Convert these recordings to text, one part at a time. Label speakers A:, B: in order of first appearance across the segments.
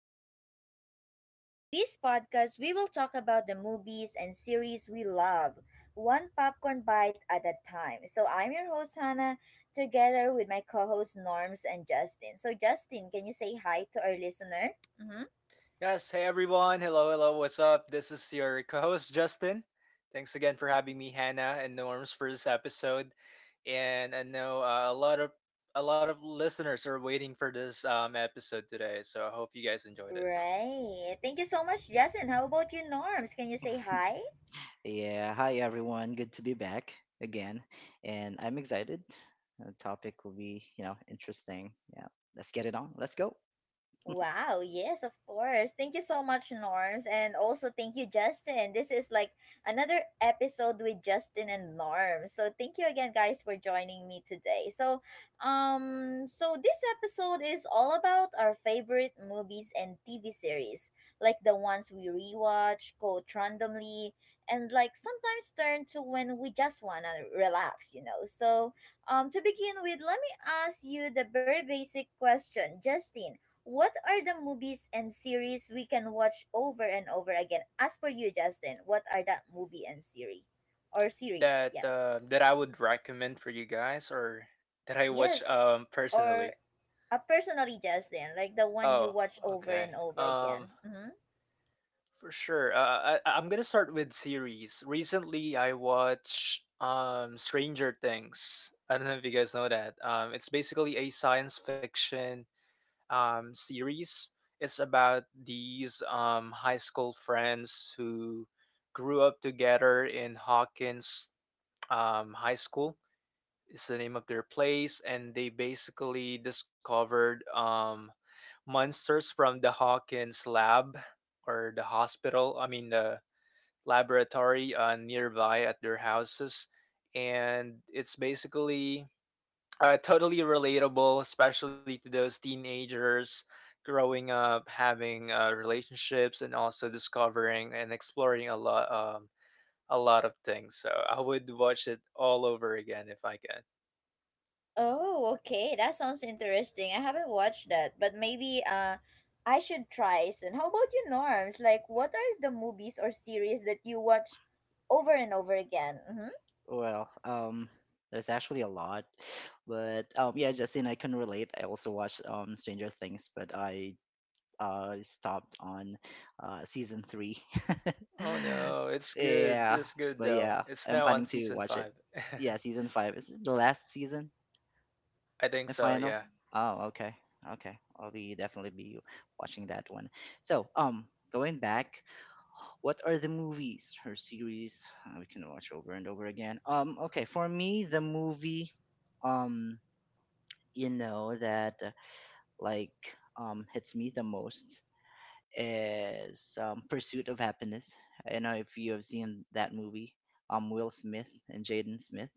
A: Popcorn Diaries. So, this podcast, we will talk about the movies and series we love, one popcorn bite at a time. So, I'm your host, Hannah, together with my co host, Norms and Justin. So, Justin, can you say hi to our listener? Mm-hmm.
B: Yes, hey everyone. Hello, hello. What's up? This is your co-host Justin. Thanks again for having me, Hannah and Norms, for this episode. And I know a lot of listeners are waiting for this episode today, so I hope you guys enjoy this.
A: Right. Thank you so much, Justin. How about you, Norms? Can you say hi?
C: Yeah, hi everyone. Good to be back again. And I'm excited. The topic will be, you know, interesting. Yeah, let's get it on. Let's go.
A: Wow, yes, of course. Thank you so much, Norms. And also thank you, Justin. This is like another episode with Justin and Norms. So thank you again guys for joining me today. So this episode is all about our favorite movies and TV series, like the ones we rewatch, quote randomly, and like sometimes turn to when we just wanna relax, So to begin with, let me ask you the very basic question, Justin, what are the movies and series we can watch over and over again? As for you, Justin, what are that movie and series? Or series,
B: That
A: yes.
B: that I would recommend for you guys, or that I watch
A: Yes, or
B: personally.
A: personally, Justin, like the one
B: Oh,
A: you watch over
B: okay.
A: and over again. Mm-hmm.
B: For sure. I'm gonna start with series. Recently, I watched Stranger Things. I don't know if you guys know that. It's basically a science fiction series. It's about these high school friends who grew up together in Hawkins high school is the name of their place, and they basically discovered monsters from the Hawkins lab or the hospital, I mean, the laboratory nearby at their houses. And it's basically totally relatable, especially to those teenagers growing up, having relationships, and also discovering and exploring a lot. A lot of things, so I would watch it all over again if I can.
A: Oh, okay. That sounds interesting. I haven't watched that, but maybe I should try. And how about you, Norms? Like, what are the movies or series that you watch over and over again?
C: Well, um, there's actually a lot, but yeah, Justin, I can relate. I also watched Stranger Things, but I stopped on season three.
B: Oh no, it's good.
C: Yeah,
B: It's good
C: but
B: though.
C: yeah,
B: It's
C: I'm
B: now on
C: planning to
B: season
C: watch it.
B: five.
C: Yeah, season five. Is it the last season?
B: I think
C: The
B: so,
C: final.
B: yeah.
C: Oh, okay, okay. I'll be definitely be watching that one. So, going back, what are the movies or series we can watch over and over again? Okay, for me, the movie, um, you know that like hits me the most is Pursuit of Happiness. I know if you have seen that movie, Will Smith and Jaden Smith.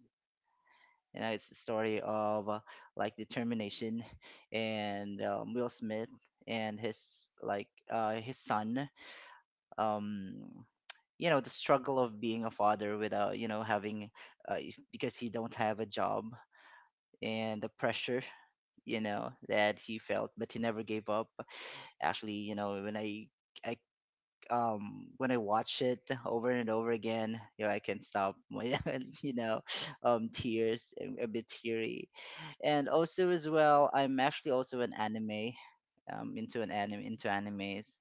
C: You know, it's the story of like determination and Will Smith and his like his son. Um, you know, the struggle of being a father without you know having because he don't have a job and the pressure you know that he felt, but he never gave up. Actually, you know, when I when I watch it over and over again, you know, I can stop my you know, tears and a bit teary. And also as well, I'm actually also an anime. Into animes.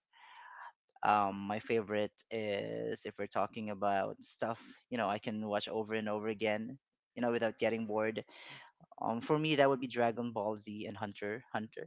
C: Um, my favorite is if we're talking about stuff, you know, I can watch over and over again, you know, without getting bored. Um, for me that would be Dragon Ball Z and Hunter x Hunter.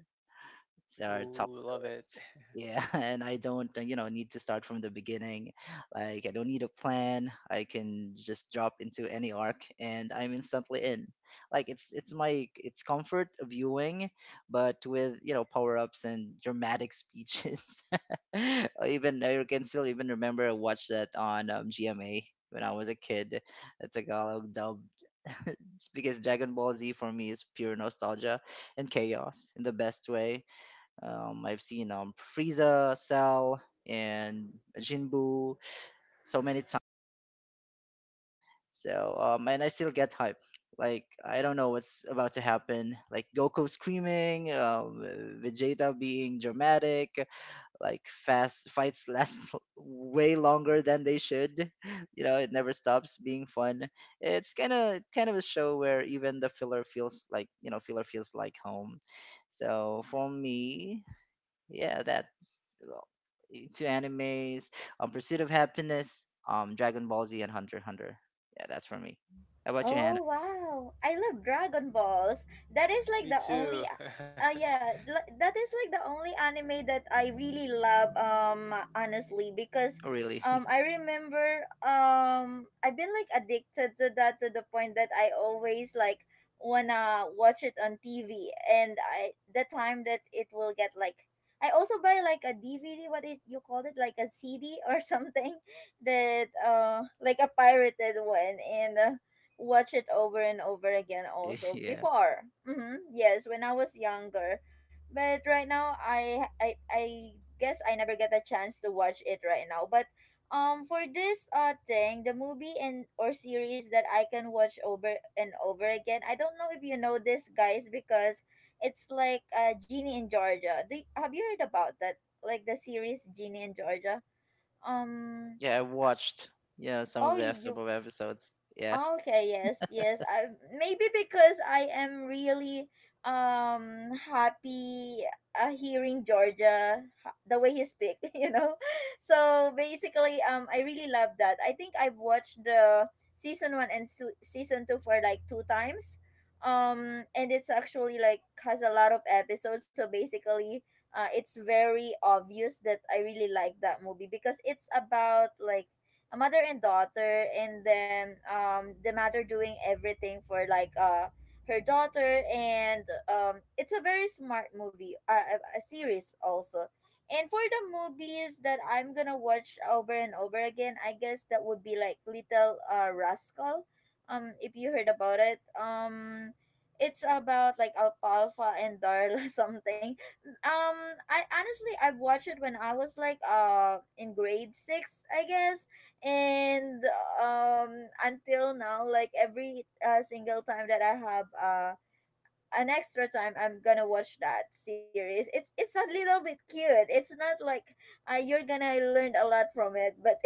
C: It's our top
B: Ooh,
C: of the
B: love it.
C: list. Yeah, and I don't, you know, need to start from the beginning. Like I don't need a plan. I can just drop into any arc, and I'm instantly in. Like it's my it's comfort viewing, but with you know power ups and dramatic speeches. I can still even remember I watched that on GMA when I was a kid. The Tagalog dubbed. It's because Dragon Ball Z for me is pure nostalgia and chaos in the best way. I've seen Frieza, Cell, and Jinbu so many times. So and I still get hype. Like I don't know what's about to happen. Like Goku screaming, Vegeta being dramatic, like fast fights last way longer than they should. You know, it never stops being fun. It's kind of a show where even the filler feels like you know filler feels like home. So for me, yeah, that well, two animes. Pursuit of Happiness, Dragon Ball Z, and Hunter x Hunter. Yeah, that's for me. How about you, Hannah?
A: Oh wow! I love Dragon Balls. That is like
B: Me
A: the only
B: too.
A: yeah, that is like the only anime that I really love honestly because
C: Oh, really?
A: I remember I've been like addicted to that to the point that I always like wanna watch it on TV and I the time that it will get like I also buy like a DVD what is you called it like a CD or something that like a pirated one and watch it over and over again also
C: Yeah,
A: before, mm-hmm. Yes, when I was younger, but right now, I guess I never get the chance to watch it right now. But for this thing, the movie and or series that I can watch over and over again, I don't know if you know this guys because it's like Genie in Georgia. Have you heard about that, like the series Genie in Georgia? um
C: yeah. I
A: uh,
C: watched, you know, some of
A: oh,
C: the some
A: you—
C: of the episodes. Yeah.
A: okay, yes, yes. I, maybe because I am really happy hearing Georgia, the way he speak, you know. So basically, I really love that. I think I've watched the season one and season two for like two times, and it's actually like has a lot of episodes. So basically, it's very obvious that I really like that movie because it's about like a mother and daughter, and then the mother doing everything for like her daughter. And it's a very smart movie, a series also. And for the movies that I'm gonna watch over and over again, I guess that would be like Little Rascal, if you heard about it. It's about like Alfalfa and Darla something. um I honestly, I watched it when I was like in grade six, I guess. And um until now, like every single time that I have an extra time, I'm gonna watch that series. It's a little bit cute. It's not like you're gonna learn a lot from it, but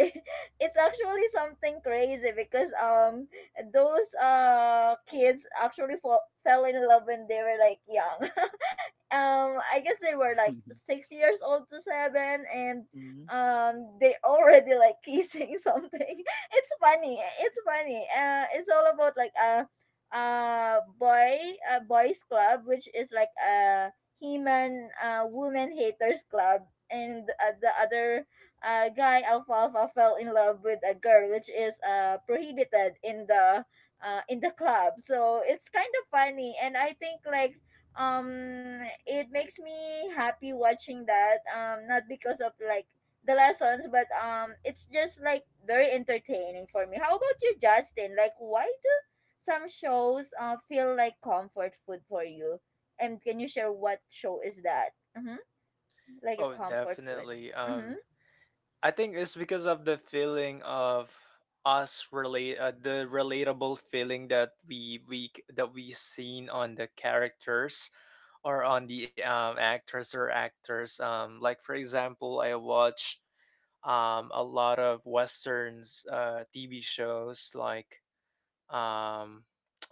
A: it's actually something crazy because those kids actually fell in love when they were like young. I guess they were like 6 years old to seven, and
C: Mm-hmm.
A: they already like kissing something. It's funny. It's funny. Uh, it's all about like uh boy boys club, which is like a he-man woman haters club. And the other guy Alfalfa fell in love with a girl, which is prohibited in the club. So it's kind of funny. And I think like um it makes me happy watching that, not because of like the lessons, but it's just like very entertaining for me. How about you, Justin? Like, why do some shows feel like comfort food for you? And can you share what show is that? Mm-hmm. Like a
B: Oh,
A: comfort food.
B: definitely.
A: Mm-hmm.
B: I think it's because of the feeling of us relate the relatable feeling that that we seen on the characters or on the actors or actors. Like for example, I watch a lot of westerns TV shows like um,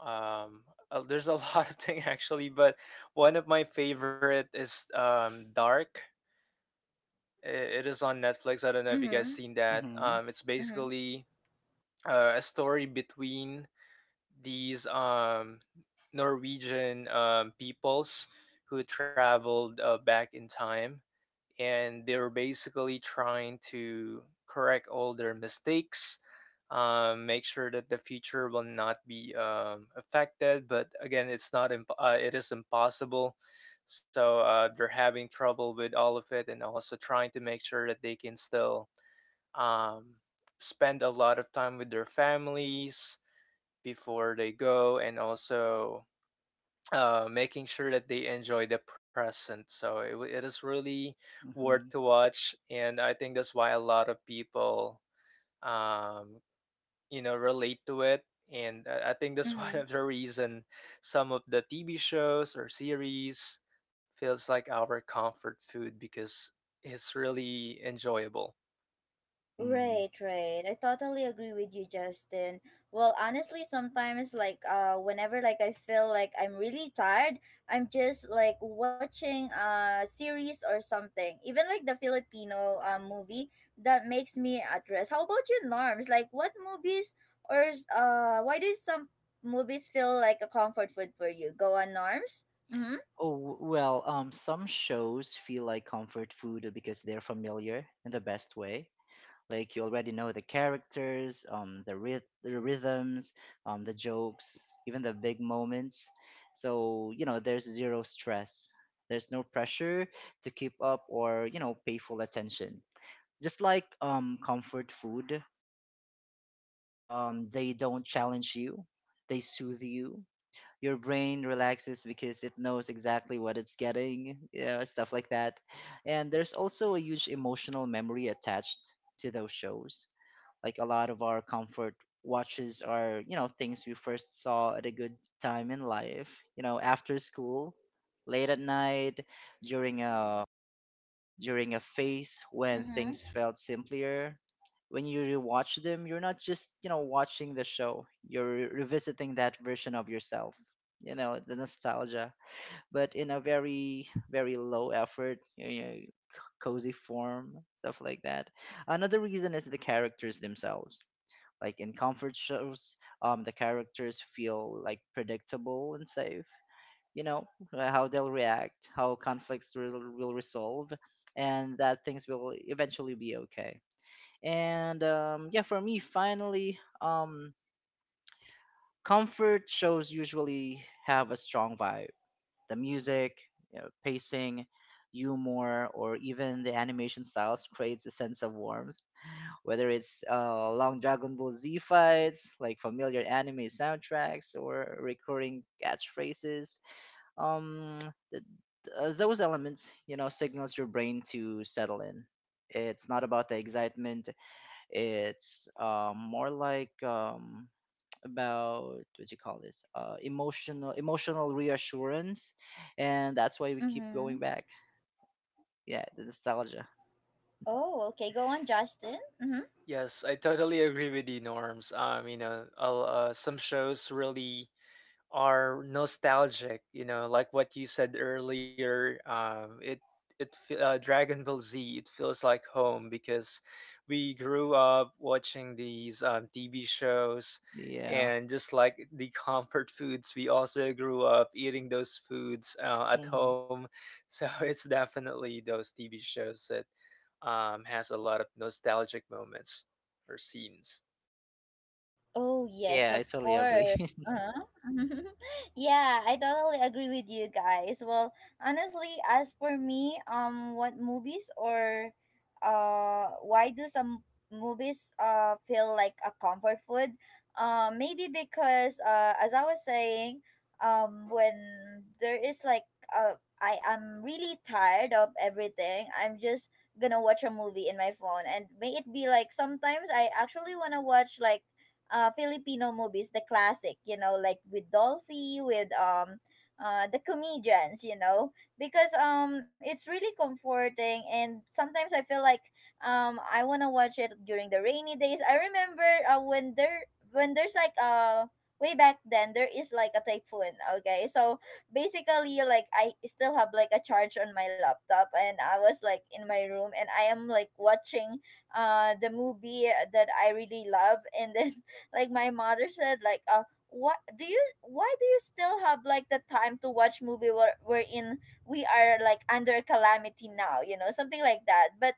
B: um, there's a lot of thing actually, but one of my favorite is Dark. It is on Netflix. I don't know if you guys
A: Mm-hmm.
B: seen that.
C: Mm-hmm.
B: It's
A: Mm-hmm.
B: basically a story between these Norwegian peoples who traveled back in time, and they were basically trying to correct all their mistakes, make sure that the future will not be affected, but again, it's not imp- it is impossible, so they're having trouble with all of it and also trying to make sure that they can still um, spend a lot of time with their families before they go, and also making sure that they enjoy the present. So it is really worth
C: Mm-hmm.
B: to watch, and I think that's why a lot of people, um, you know, relate to it. And I think that's one
A: Mm-hmm.
B: of the reason some of the TV shows or series feels like our comfort food because it's really enjoyable.
C: Mm-hmm.
A: Right, right. I totally agree with you, Justin. Well, honestly, sometimes like whenever like I feel like I'm really tired, I'm just like watching a series or something. Even like the Filipino movie that makes me at rest. How about you, Norms? Like what movies or why do some movies feel like a comfort food for you? Go on, Norms? Mhm.
C: Well, some shows feel like comfort food because they're familiar in the best way. Like you already know the characters, um, the rhythms, the jokes, even the big moments. So you know there's zero stress. There's no pressure to keep up or you know pay full attention. Just like comfort food, they don't challenge you. They soothe you. Your brain relaxes because it knows exactly what it's getting. You know stuff like that. And there's also a huge emotional memory attached to those shows, like a lot of our comfort watches are you know things we first saw at a good time in life, you know, after school, late at night, during a during a phase when
A: Mhm.
C: things felt simpler. When you rewatch them, you're not just you know watching the show, you're revisiting that version of yourself, you know, the nostalgia, but in a very very low effort, you know, cozy form, stuff like that. Another reason is the characters themselves. Like in comfort shows, the characters feel like predictable and safe. You know how they'll react, how conflicts will resolve, and that things will eventually be okay. And yeah, for me, finally, comfort shows usually have a strong vibe. The music, you know, pacing, humor, or even the animation styles creates a sense of warmth, whether it's long Dragon Ball Z fights, like familiar anime soundtracks, or recurring catchphrases. Um, th- those elements, you know, signals your brain to settle in. It's not about the excitement. It's more like about what you call this emotional reassurance, and that's why we keep going
A: Mhm.
C: back. Yeah, the nostalgia.
A: Oh, okay. Go on, Justin. Mhm.
B: Yes, I totally agree with you, Norms. You know, some shows really are nostalgic, you know, like what you said earlier. Dragon Ball Z, it feels like home because we grew up watching these TV shows,
C: Yeah.
B: and just like the comfort foods, we also grew up eating those foods at
C: Hmm.
B: home. So it's definitely those TV shows that has a lot of nostalgic moments or scenes.
A: Oh, yes,
C: Yeah, I
A: of
C: totally agree.
A: course. Uh-huh. Yeah, I totally agree with you guys. Well, honestly, as for me, what movies or why do some movies feel like a comfort food? Maybe because as I was saying, when there is like I am really tired of everything, I'm just gonna watch a movie in my phone. And may it be like sometimes I actually wanna watch like Filipino movies, the classic, you know, like with Dolphy, with the comedians, you know, because it's really comforting. And sometimes I feel like I want to watch it during the rainy days. I remember when there when there's like way back then, there is like a typhoon, okay? So basically, like, I still have like a charge on my laptop, and I was like in my room, and I am like watching the movie that I really love. And then like my mother said like what do you— why do you still have like the time to watch movie where we're in— we are like under calamity now, you know, something like that. But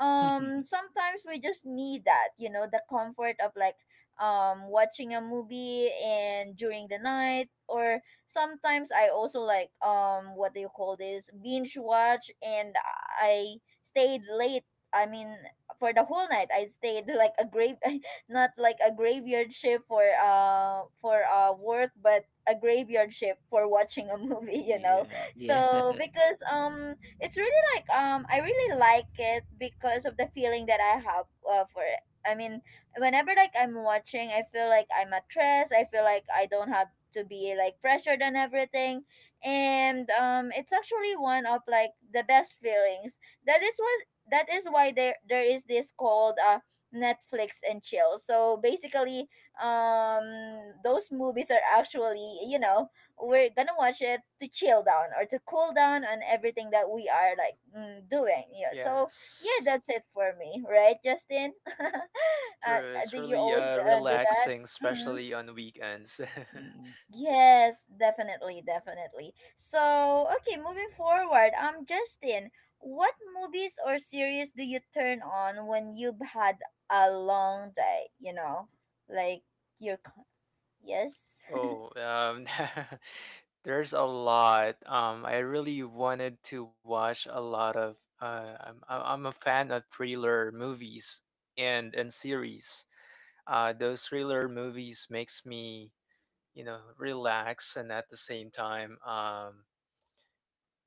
A: sometimes we just need that, you know, the comfort of like watching a movie and during the night. Or sometimes I also like, what do you call this, binge watch. And I stayed late I mean for the whole night I stayed like a grave not like a graveyard shift for work, but a graveyard shift for watching a movie you know.
C: Yeah, yeah.
A: So because it's really like I really like it because of the feeling that I have for it. I mean, whenever like I'm watching, I feel like I'm at rest. I feel like I don't have to be like pressured and everything. And it's actually one of like the best feelings. that is was that is why there is this called Netflix and chill. So basically, um, those movies are actually, you know, we're gonna watch it to chill down or to cool down on everything that we are like doing. Yeah. So yeah,
B: Yes.
A: that's it for me, right, Justin? Uh,
B: True, it's
A: do you
B: really
A: always do that?
B: relaxing,
A: Mm-hmm.
B: especially on weekends.
C: Mm,
A: Yes, definitely, definitely. So, okay, moving forward, Justin, what movies or series do you turn on when you've had a long day? You know, like your— yes,
B: Oh, there's a lot. I really wanted to watch a lot of. I'm I, I'm a fan of thriller movies and series. Those thriller movies makes me, you know, relax and at the same time,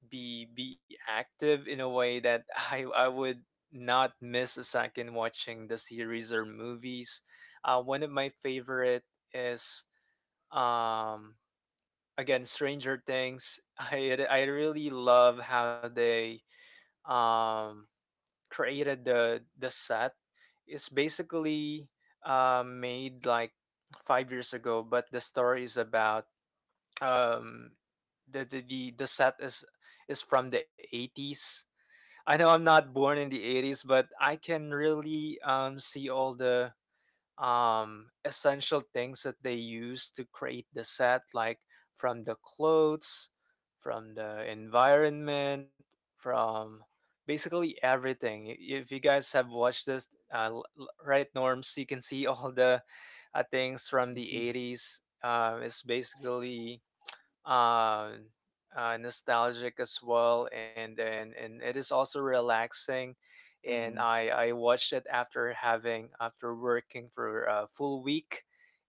B: be active in a way that I would not miss a second watching the series or movies. One of my favorite is um again Stranger Things. I really love how they um created the set. It's basically made like 5 years ago, but the story is about um the set is from the 80s. I know I'm not born in the 80s, but I can really see all the essential things that they use to create the set, like from the clothes, from the environment, from basically everything. If you guys have watched this, right, Norms, you can see all the things from the 80s. It's basically uh, nostalgic as well, and then and it is also relaxing. And
C: mhm,
B: I watched it after having after working for a full week,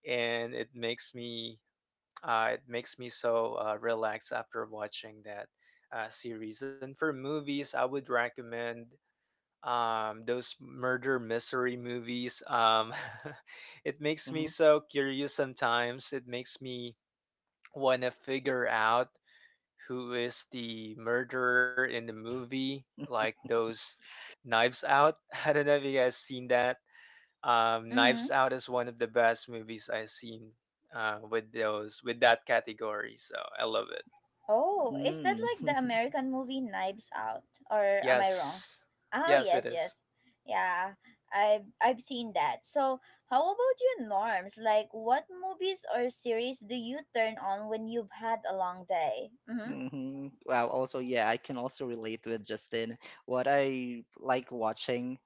B: and it makes me so relaxed after watching that series. And for movies, I would recommend those murder mystery movies. It makes me
C: mhm,
B: so curious. Sometimes it makes me want to figure out who is the murderer in the movie, like those Knives Out. I don't know if you guys seen that.
A: mm-hmm.
B: Knives Out is one of the best movies I've seen with that category. So I love it.
A: Oh, is that
C: mm,
A: like the American movie Knives Out? Or am I wrong?
B: Yes,
A: Oh,
B: yes, it
A: yes,
B: is.
A: yes. Yeah, I've seen that. So, how about you, Norms? Like, what movies or series do you turn on when you've had a long day? Mm-hmm.
C: mhm. Wow, also, yeah, I can also relate with Justin. What I like watching,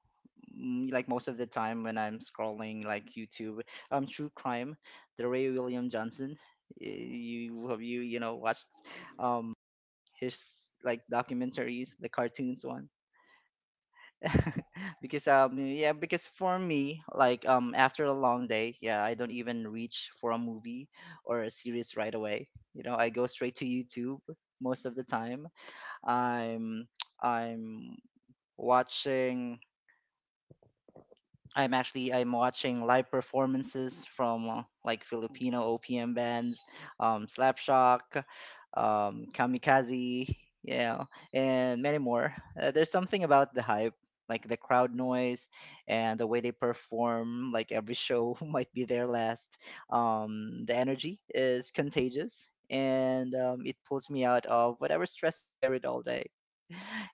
C: mm, like most of the time when I'm scrolling like YouTube, True Crime, the Ray William Johnson. Y- You have you know watched um his like documentaries, the cartoons one? Because yeah, because for me, like after a long day, yeah, I don't even reach for a movie or a series right away. You know, I go straight to YouTube. Most of the time i'm I'm watching I'm actually I'm watching live performances from like Filipino OPM bands, Slapshock, Kamikaze, yeah, and many more. There's something about the hype, like the crowd noise and the way they perform. Like every show might be their last. The energy is contagious, and it pulls me out of whatever stress I carried all day.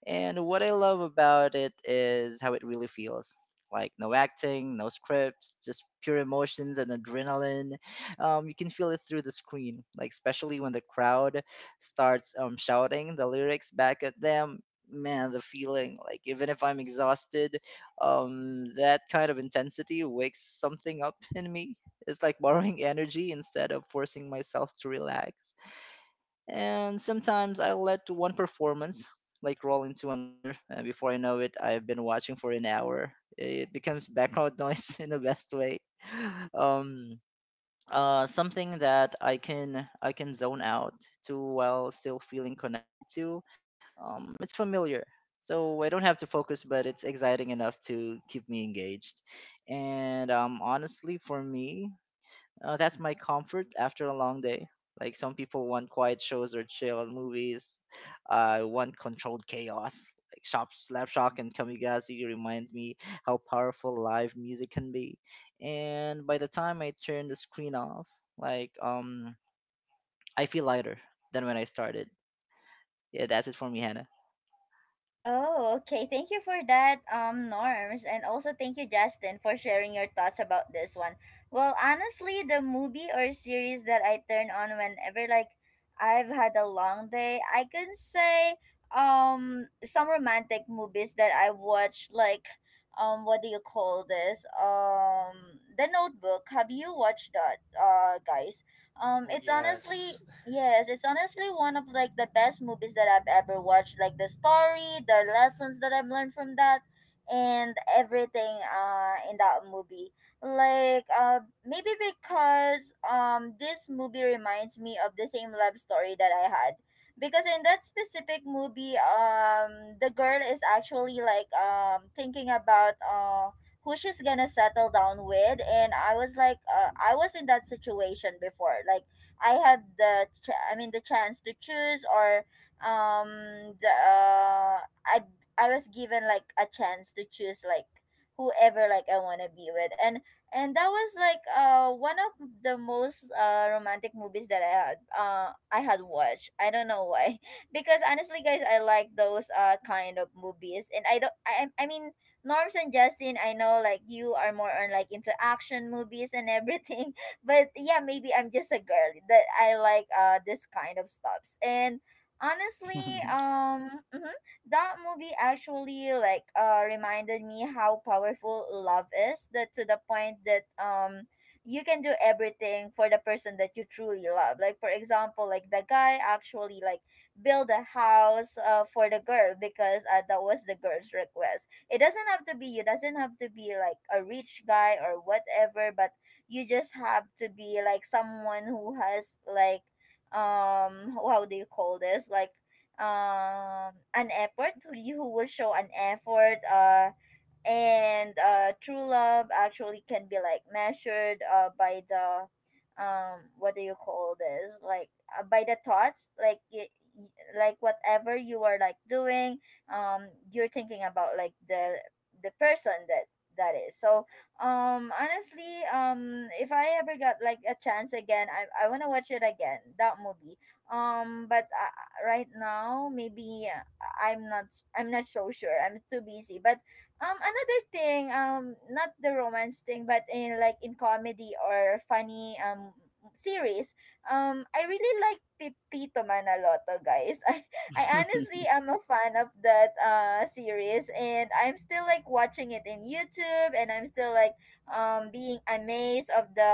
C: And what I love about it is how it really feels like no acting, no scripts, just pure emotions and adrenaline. You can feel it through the screen, like especially when the crowd starts shouting the lyrics back at them. Man, the feeling, like even if I'm exhausted, that kind of intensity wakes something up in me. It's like borrowing energy instead of forcing myself to relax. And sometimes I let to one performance like roll into another, and before I know it, I've been watching for an hour. It becomes background noise in the best way. Um, something that I can zone out to while still feeling connected to. It's familiar, so I don't have to focus, but it's exciting enough to keep me engaged. And honestly, for me, that's my comfort after a long day. Like some people want quiet shows or chill movies. I want controlled chaos. Like Shop Slapshock and Kamigazi reminds me how powerful live music can be. And by the time I turn the screen off, like I feel lighter than when I started. Yeah, that's it for me, Hannah.
A: Oh, okay. Thank you for that, Norms. And also thank you, Justin, for sharing your thoughts about this one. Well, honestly, the movie or series that I turn on whenever like I've had a long day, I can say some romantic movies that I watched like, what do you call this? Um, The Notebook. Have you watched that, guys? Um,
B: Oh
A: it's honestly—
B: yes.
A: yes, it's honestly one of like the best movies that I've ever watched. Like the story, the lessons that I've learned from that, and everything in that movie. Like maybe because this movie reminds me of the same love story that I had. Because in that specific movie, the girl is actually like thinking about who she's gonna settle down with. And I was like, I was in that situation before. Like I had the the chance to choose, or the, I I was given like a chance to choose like whoever like I want to be with. And that was like one of the most romantic movies that I had watched. I don't know why because honestly guys I like those kind of movies. And I don't— I mean, Norms and Justin, I know like you are more on like into action movies and everything. But yeah, maybe I'm just a girl that I like this kind of stuffs. And honestly, that movie actually like reminded me how powerful love is. That to the point that you can do everything for the person that you truly love. Like for example, like the guy actually like build a house for the girl because that was the girl's request. It doesn't have to be you doesn't have to be like a rich guy or whatever, but you just have to be like someone who has like um, how do you call this, like an effort, who will show an effort, and true love actually can be like measured by the, what do you call this, like by the thoughts, like like whatever you are like doing, you're thinking about like the person, that is so honestly. If I ever got like a chance again, I want to watch it again, that movie. But Right now maybe I'm not, I'm not so sure, I'm too busy. But another thing, not the romance thing, but in like in comedy or funny series, I really like Pepito Manaloto, guys. I honestly am a fan of that series and I'm still like watching it in YouTube, and I'm still like being amazed of the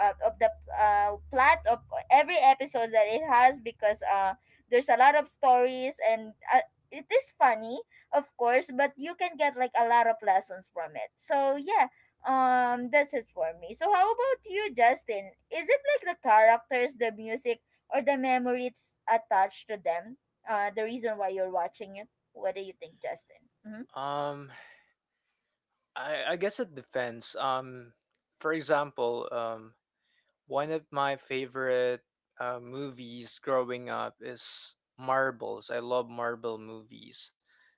A: plot of every episode that it has, because there's a lot of stories, and it is funny, of course, but you can get like a lot of lessons from it. So yeah, that's it for me. So how about you, Justin? Is it like the characters, the music, or the memories attached to them? The reason why you're watching it. What do you think, Justin? Mm-hmm.
B: Um, I guess it depends. For example, one of my favorite movies growing up is Marbles. I love Marvel movies.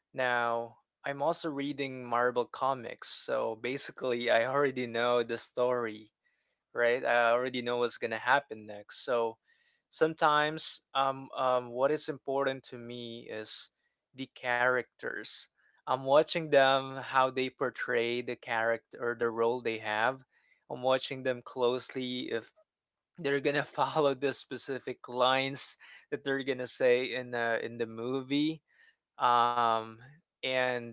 B: Now, I'm also reading Marvel comics, so basically, I already know the story, right? I already know what's gonna happen next. So sometimes, what is important to me is the characters. I'm watching them, how they portray the character or the role they have. I'm watching them closely if they're gonna follow the specific lines that they're gonna say in the movie, um and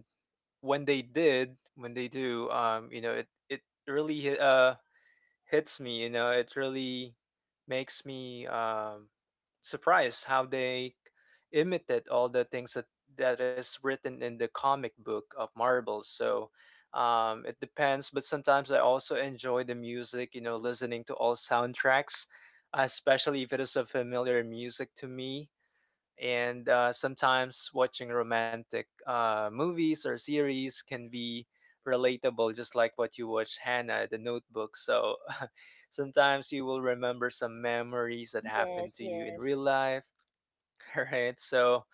B: when they do, you know, it really hits me, you know, it really makes me surprised how they imitate all the things that is written in the comic book of Marvel. So it depends, but sometimes I also enjoy the music, you know, listening to all soundtracks, especially if it is a familiar music to me, and sometimes watching romantic movies or series can be relatable, just like what you watch, Hannah, the Notebook. So sometimes you will remember some memories that happened
A: Yes,
B: to you in real
A: yes.
B: life. All right, so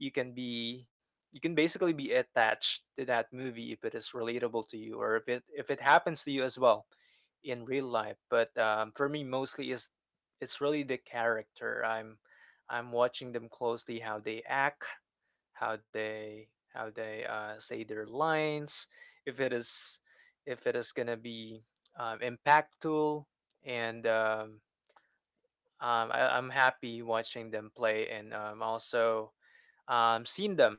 B: you can be, you can basically be attached to that movie if it is relatable to you, or if it happens to you as well in real life. But for me, mostly is it's really the character. I'm watching them closely how they act, how they how they say their lines, if it is if it is gonna be impactful, and I'm happy watching them play, and also seeing them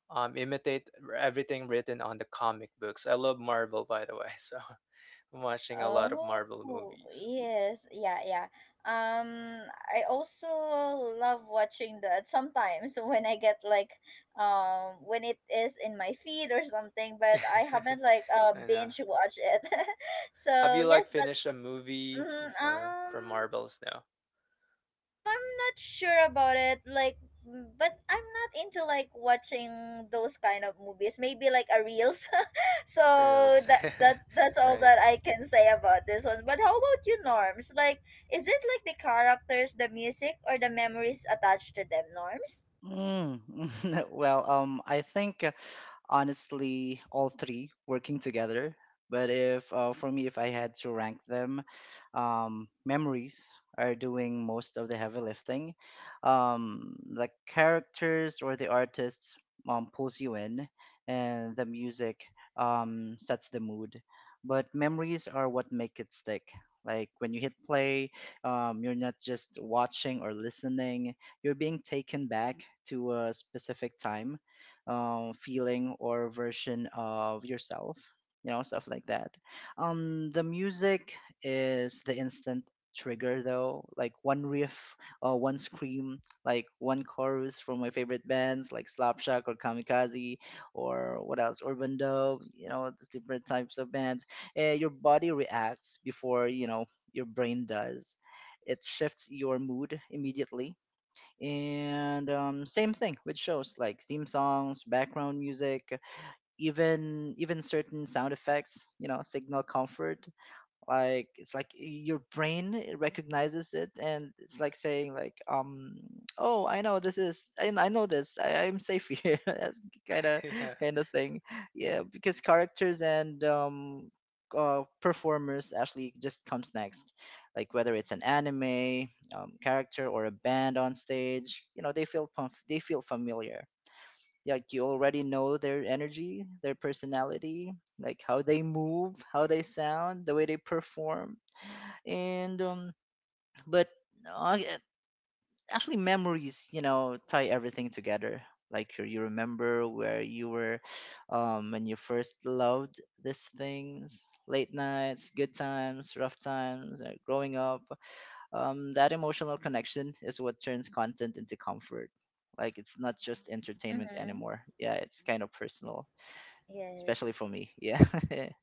B: imitate everything written on the comic books. I love Marvel, by the way, so I'm watching a lot of Marvel
A: Oh,
B: movies.
A: yes. Yeah, yeah. Um, I also love watching that sometimes, when I get like when it is in my feed or something, but I haven't like
B: I know.
A: binge watch it.
B: Have
A: So,
B: you like
A: yes, that
B: finished a movie
A: mm,
B: before from
A: um
B: Marvels now?
A: I'm not sure about it. Like, but I'm not into like watching those kind of movies. Maybe like a reels. So
B: Or else?
A: that that that's all
B: Right?
A: that I can say about this one. But how about you, Norms? Like, is it like the characters, the music, or the memories attached to them, Norms?
C: Mm. Well, I think honestly all three working together, but if for me, if I had to rank them, memories are doing most of the heavy lifting. Um, the characters or the artists pulls you in, and the music sets the mood, but memories are what make it stick. Like when you hit play, you're not just watching or listening, you're being taken back to a specific time, feeling or version of yourself, you know, stuff like that. The music is the instant trigger though. Like one riff or one scream, like one chorus from my favorite bands like Slapshot or Kamikaze, or what else, Urban Dove, you know, the different types of bands, your body reacts before you know your brain does. It shifts your mood immediately. And same thing with shows like theme songs, background music, even certain sound effects, you know, signal comfort. Like it's like your brain, it recognizes it and it's like saying like um, oh, I know this. I'm safe here. That's kind of
B: Yeah.
C: kind of thing. Yeah, because characters and performers actually just comes next. Like whether it's an anime character or a band on stage, you know, they feel they feel familiar. Like you already know their energy, their personality, like how they move, how they sound, the way they perform, and but uh, actually memories, you know, tie everything together. Like you remember where you were when you first loved these things, late nights, good times, rough times, growing up. That emotional connection is what turns content into comfort. Like it's not just entertainment
A: Mm-hmm.
C: anymore, yeah, it's kind of personal, especially for
A: Yes.
C: me. Yeah,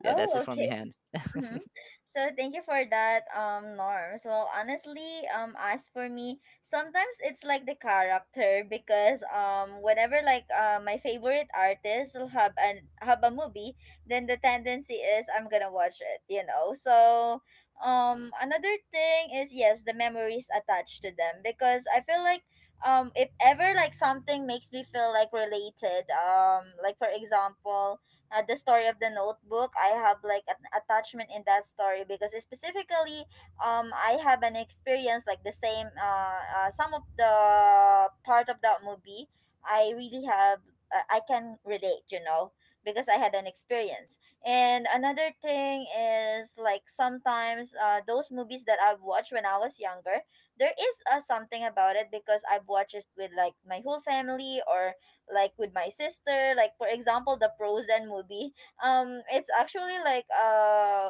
C: yeah,
A: Oh,
C: that's it for
A: okay.
C: me, Han.
A: Mm-hmm. So thank you for that, Norm. So honestly, as for me, sometimes it's like the character because whenever like my favorite artist will have an have a movie, then the tendency is I'm gonna watch it. You know. So another thing is yes, the memories attached to them because I feel like if ever like something makes me feel like related, like for example, the story of The Notebook. I have like an attachment in that story because specifically, I have an experience like the same, some of the part of that movie, I really have, I can relate, you know, because I had an experience. And another thing is like sometimes those movies that I've watched when I was younger, there is something about it because I've watched it with like my whole family, or like with my sister, like for example the Frozen movie. It's actually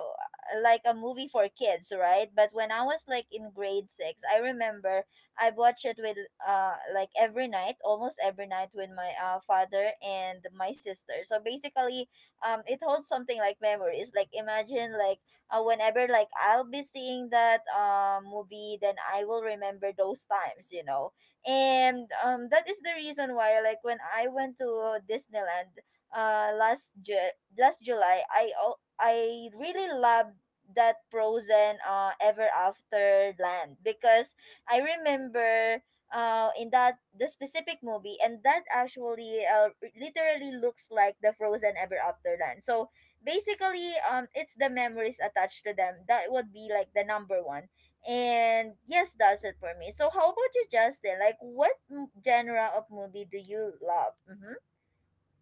A: like a movie for kids, right? But when I was like in grade six, I remember I watched it with like every night, almost every night, with my father and my sister. So basically, it holds something like memories. Like imagine, like whenever like I'll be seeing that movie, then I will remember those times, you know. And that is the reason why, like when I went to Disneyland last last July, I really loved that Frozen Ever After land, because I remember in that the specific movie, and that actually literally looks like the Frozen Ever After land. So basically, it's the memories attached to them that would be like the number one. And yes, that's it for me. So how about you, Justin? Like, what genre of movie do you love? Mm-hmm.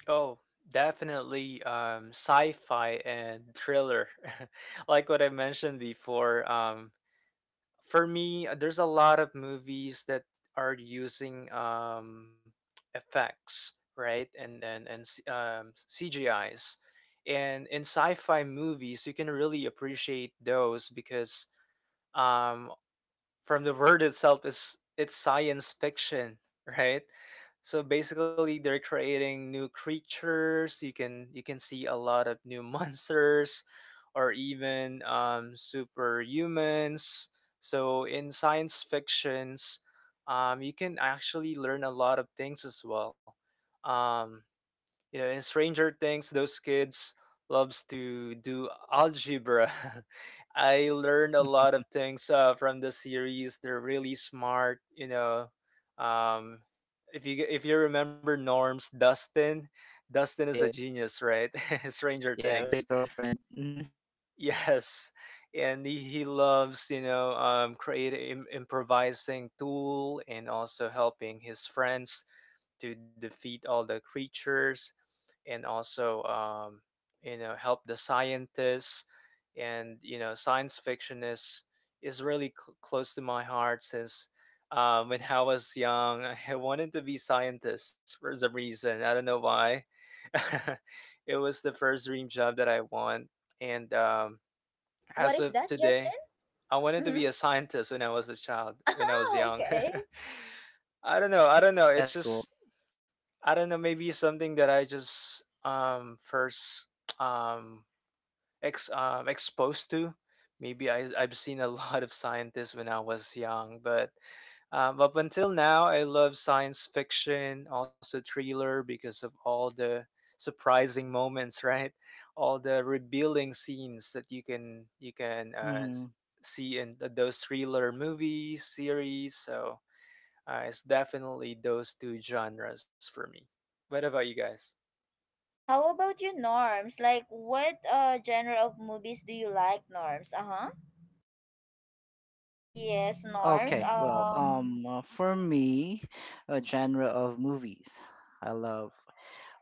B: Oh, definitely. Sci-fi and thriller, like what I mentioned before. For me, there's a lot of movies that are using effects, right, CGIs, and in sci-fi movies, you can really appreciate those because um, from the word itself is it's science fiction, right? So basically they're creating new creatures. You can see a lot of new monsters or even superhumans. So in science fictions, you can actually learn a lot of things as well. Um you know, in Stranger Things, those kids loves to do algebra. I learned a lot of things from the series. They're really smart. You know, um, if you remember Norm's Dustin, Dustin is
C: Yeah,
B: a genius, right? Stranger
C: yeah, with a
B: Things,
C: girlfriend. Hmm.
B: yes, and he loves, you know, creating improvising tool and also helping his friends to defeat all the creatures, and also you know, help the scientists. And you know, science fiction is really close to my heart, since when I was young, I wanted to be scientist for some reason, I don't know why. It was the first dream job that I want, and
A: What
B: as
A: is
B: of
A: that, Justin?
B: today, I wanted to
A: Mm-hmm.
B: be a scientist when I was a child, when I was
A: Oh,
B: young.
A: okay.
B: I don't know,
C: That's
B: it's
C: cool.
B: just I don't know, maybe something that I just first um ex exposed to. Maybe I I've seen a lot of scientists when I was young, but up until now, I love science fiction, also thriller, because of all the surprising moments, right? All the revealing scenes that you can
C: Hmm.
B: see in those thriller movies series. So it's definitely those two genres for me. What about you guys?
A: How about you, Norms? Like, what genre of movies do you like, Norms? Uh huh. Yes, Norms.
C: For me, a genre of movies. I love.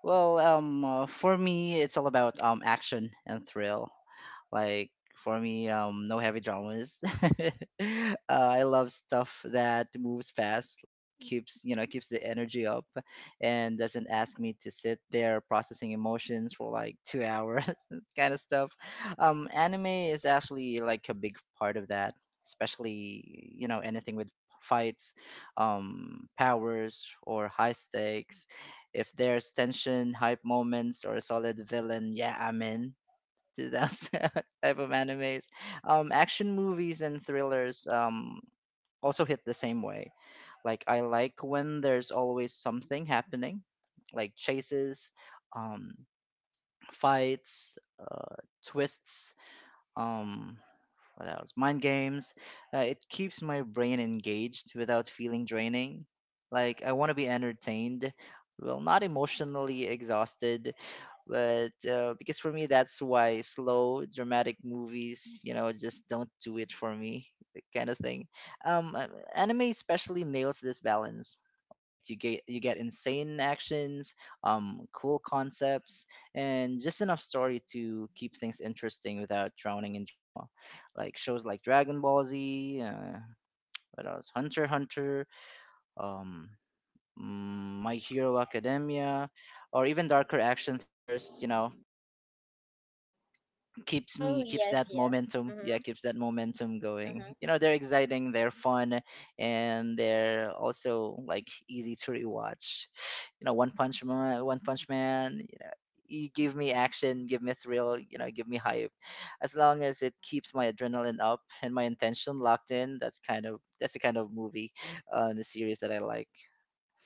C: For me, it's all about action and thrill. Like for me, no heavy dramas. uh, I love stuff that moves fast, like keeps you know keeps the energy up, and doesn't ask me to sit there processing emotions for like 2 hours. That kind of stuff. Anime is actually like a big part of that, especially you know anything with fights, powers or high stakes. If there's tension, hype moments, or a solid villain, yeah, I'm in to those type of animes. Action movies and thrillers also hit the same way. Like I like when there's always something happening, like chases, um, fights, twists. Um, what else? Mind games. It keeps my brain engaged without feeling draining. Like, I want to be entertained. Well, not emotionally exhausted, but because for me, that's why slow, dramatic movies, you know, just don't do it for me, that kind of thing. Um, uh, Anime especially nails this balance. Like you get insane actions, cool concepts, and just enough story to keep things interesting without drowning in drama, like shows like Dragon Ball Z, what else? Hunter x Hunter, um, mm, My Hero Academia, or even darker action thrillers. You know, keeps me
A: Oh,
C: keeps that
A: yes, yes.
C: momentum, yeah,
A: Mm-hmm,
C: keeps that momentum going, you
A: mm-hmm.
C: know, they're exciting, they're fun, and they're also like easy to rewatch. You know, one punch man, you know, you give me action, give me thrill, you know, give me hype. As long as it keeps my adrenaline up and my intention locked in, that's kind of that's the kind of movie, the series that I like.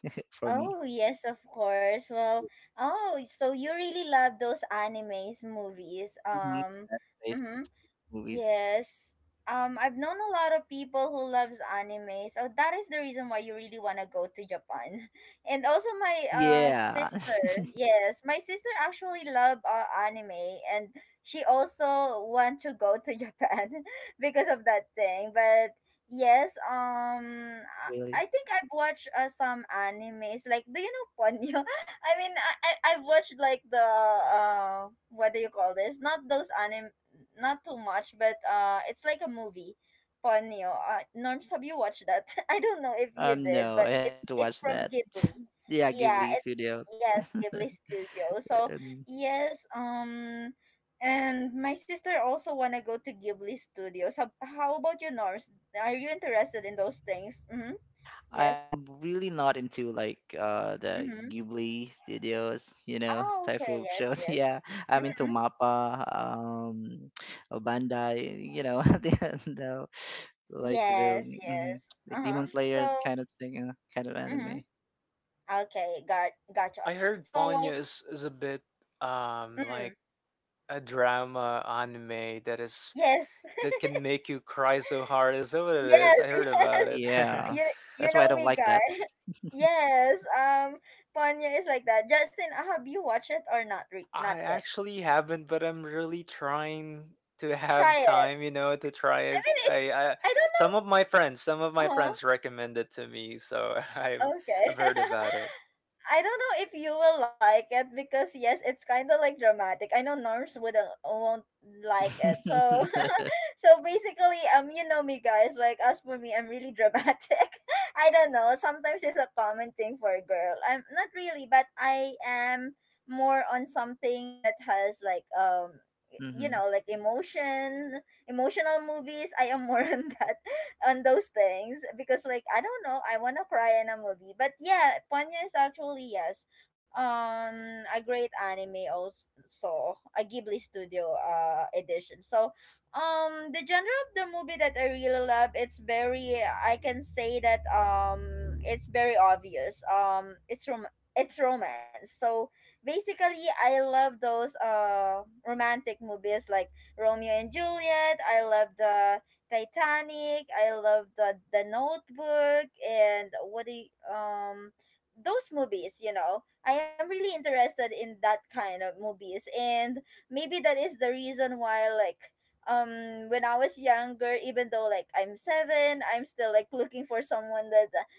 C: For me.
A: Oh yes, of course. Well, oh, so you really love those animes movies.
C: Mhm. That's based
A: Mhm.
C: on movies.
A: Yes. I've known a lot of people who loves anime, so that is the reason why you really want to go to Japan. And also my
C: Yeah.
A: sister, yes, my sister actually love anime, and she also want to go to Japan because of that thing. But yes,
C: Really?
A: I think I've watched some animes. Like, do you know Ponyo? I mean, I've watched like the what do you call this? Not those anime, not too much, but it's like a movie, Ponyo. Norms, have you watched that? I don't know if you did,
C: No,
A: but
C: I
A: it's
C: haven't
A: it's
C: watched
A: from
C: that.
A: Ghibli.
C: Yeah,
A: Yeah,
C: Ghibli
A: it
C: Studios.
A: Yes, Ghibli Studio. So
C: And
A: yes, and my sister also wanna go to Ghibli Studios. How about you, Norms? Are you interested in those things? Mm-hmm. Yes.
C: I'm really not into the
A: Mm-hmm.
C: Ghibli Studios, you know,
A: Oh,
C: type
A: okay.
C: of
A: Yes.
C: shows.
A: Yes.
C: Yeah, I'm into
A: Mm-hmm.
C: MAPPA, Bandai, you know, the like the
A: Yes,
C: mhm,
A: yes.
C: like
A: Uh-huh.
C: Demon Slayer
A: So,
C: kind of thing, kind of
A: mm-hmm.
C: anime.
A: Okay, gotcha.
B: I heard
A: So,
B: Ponyo is a bit
A: mm,
B: like a drama anime that is
A: yes.
B: that can make you cry so hard. Is that what it is?
A: Yes,
B: I heard about
A: yes.
B: it.
C: Yeah,
A: You
C: that's
A: you
C: why I
A: know
C: don't
A: me,
C: like that.
A: guy. Yes. Ponyo is like that. Justin, have you watched it or not?
B: I
A: Not yet.
B: actually haven't, but I'm really trying to have
A: Try it.
B: time, you know, to try
A: I
B: it.
A: mean, it's.
B: I
A: I don't
B: Some of my friends,
A: know.
B: recommend it to me, so
A: Uh-huh. Okay.
B: I've heard about it.
A: I don't know if you will like it because yes, it's kind of like dramatic. I know Norms wouldn't won't like it. So so basically, you know me guys. Like as for me, I'm really dramatic. I don't know. Sometimes it's a common thing for a girl. I'm not really, but I am more on something that has like you
C: Hmm.
A: know, like emotional movies. I am more on that, on those things, because like I don't know, I wanna cry in a movie. But yeah, Ponyo is actually yes. A great anime also. A Ghibli studio edition. So the genre of the movie that I really love, it's very, I can say that it's very obvious. It's romance. So basically I love those romantic movies like Romeo and Juliet. I love the Titanic. I loved The Notebook, and um those movies, you know. I am really interested in that kind of movies, and maybe that is the reason why, like when I was younger, even though like I'm 7, I'm still like looking for someone that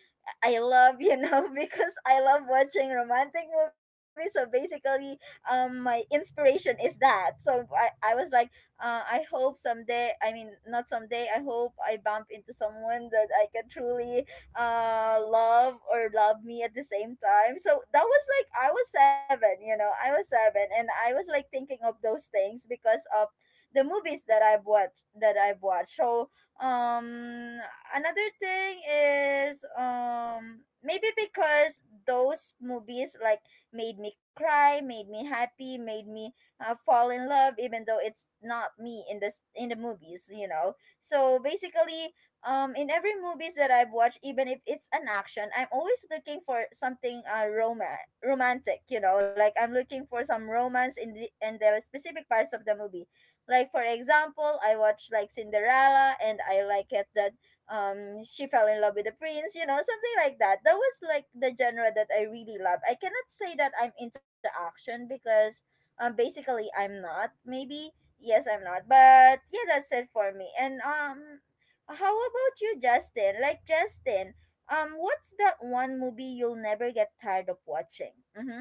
A: I love, you know, because I love watching romantic movies. So basically, my inspiration is that. So I was like, I hope someday, I mean, not someday, I hope I bump into someone that I can truly love or love me at the same time. So that was like, I was seven, you know, I was seven. And I was like thinking of those things because of the movies that I've watched, that I've watched. So, um, another thing is, maybe because those movies like made me cry, made me happy, made me fall in love even though it's not me in this, in the movies, you know. So basically, in every movies that I've watched, even if it's an action, I'm always looking for something romantic, you know. Like I'm looking for some romance in the, in the specific parts of the movie. Like for example, I watched like Cinderella, and I like it that she fell in love with the prince, you know, something like that. That was like the genre that I really love. I cannot say that I'm into action, because basically, I'm not. Maybe yes, I'm not. But yeah, that's it for me. And how about you, Justin? Like Justin, what's that one movie you'll never get tired of watching? Mm-hmm.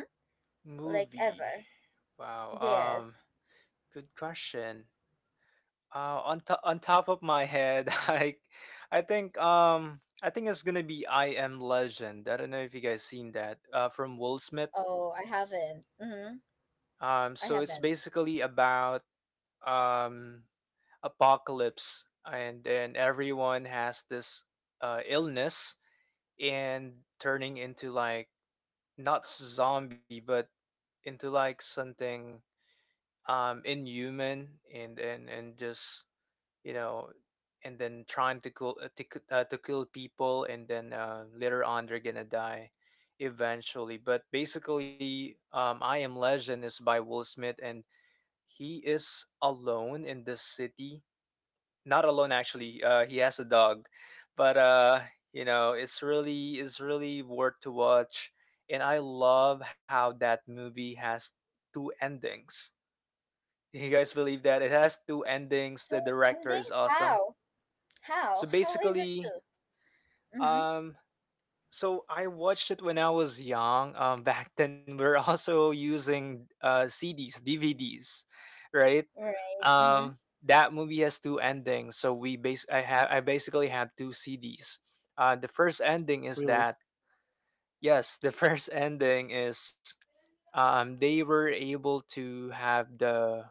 A: Like
B: Movie.
A: ever?
B: Wow.
A: Yes.
B: um, Good question. On top of my head, I think it's gonna be I Am Legend. I don't know if you guys seen that from Will Smith.
A: Oh, I haven't. Mm-hmm.
B: Um,
A: I
B: so it's
A: haven't.
B: basically about um apocalypse, and then everyone has this illness and turning into like not zombie, but into like something inhuman and just you know and then trying to kill to kill people and then later on they're gonna die eventually. But basically, I Am Legend is by Will Smith, and he is alone in this city. Not alone actually, he has a dog. But it's really worth to watch, and I love how that movie has two endings. You guys believe that it has two endings?
A: Two
B: The
A: two
B: director is awesome.
A: How? How?
B: So
A: How is it
B: basically,
A: two? Mm-hmm.
B: um, so I watched it when I was young. Back then we are also using CDs, DVDs, right?
A: Right. Mm-hmm.
B: Um, that movie has two endings, so we base I have I basically have two CDs. The first ending is
C: Really?
B: that... Yes, the first ending is, they were able to have the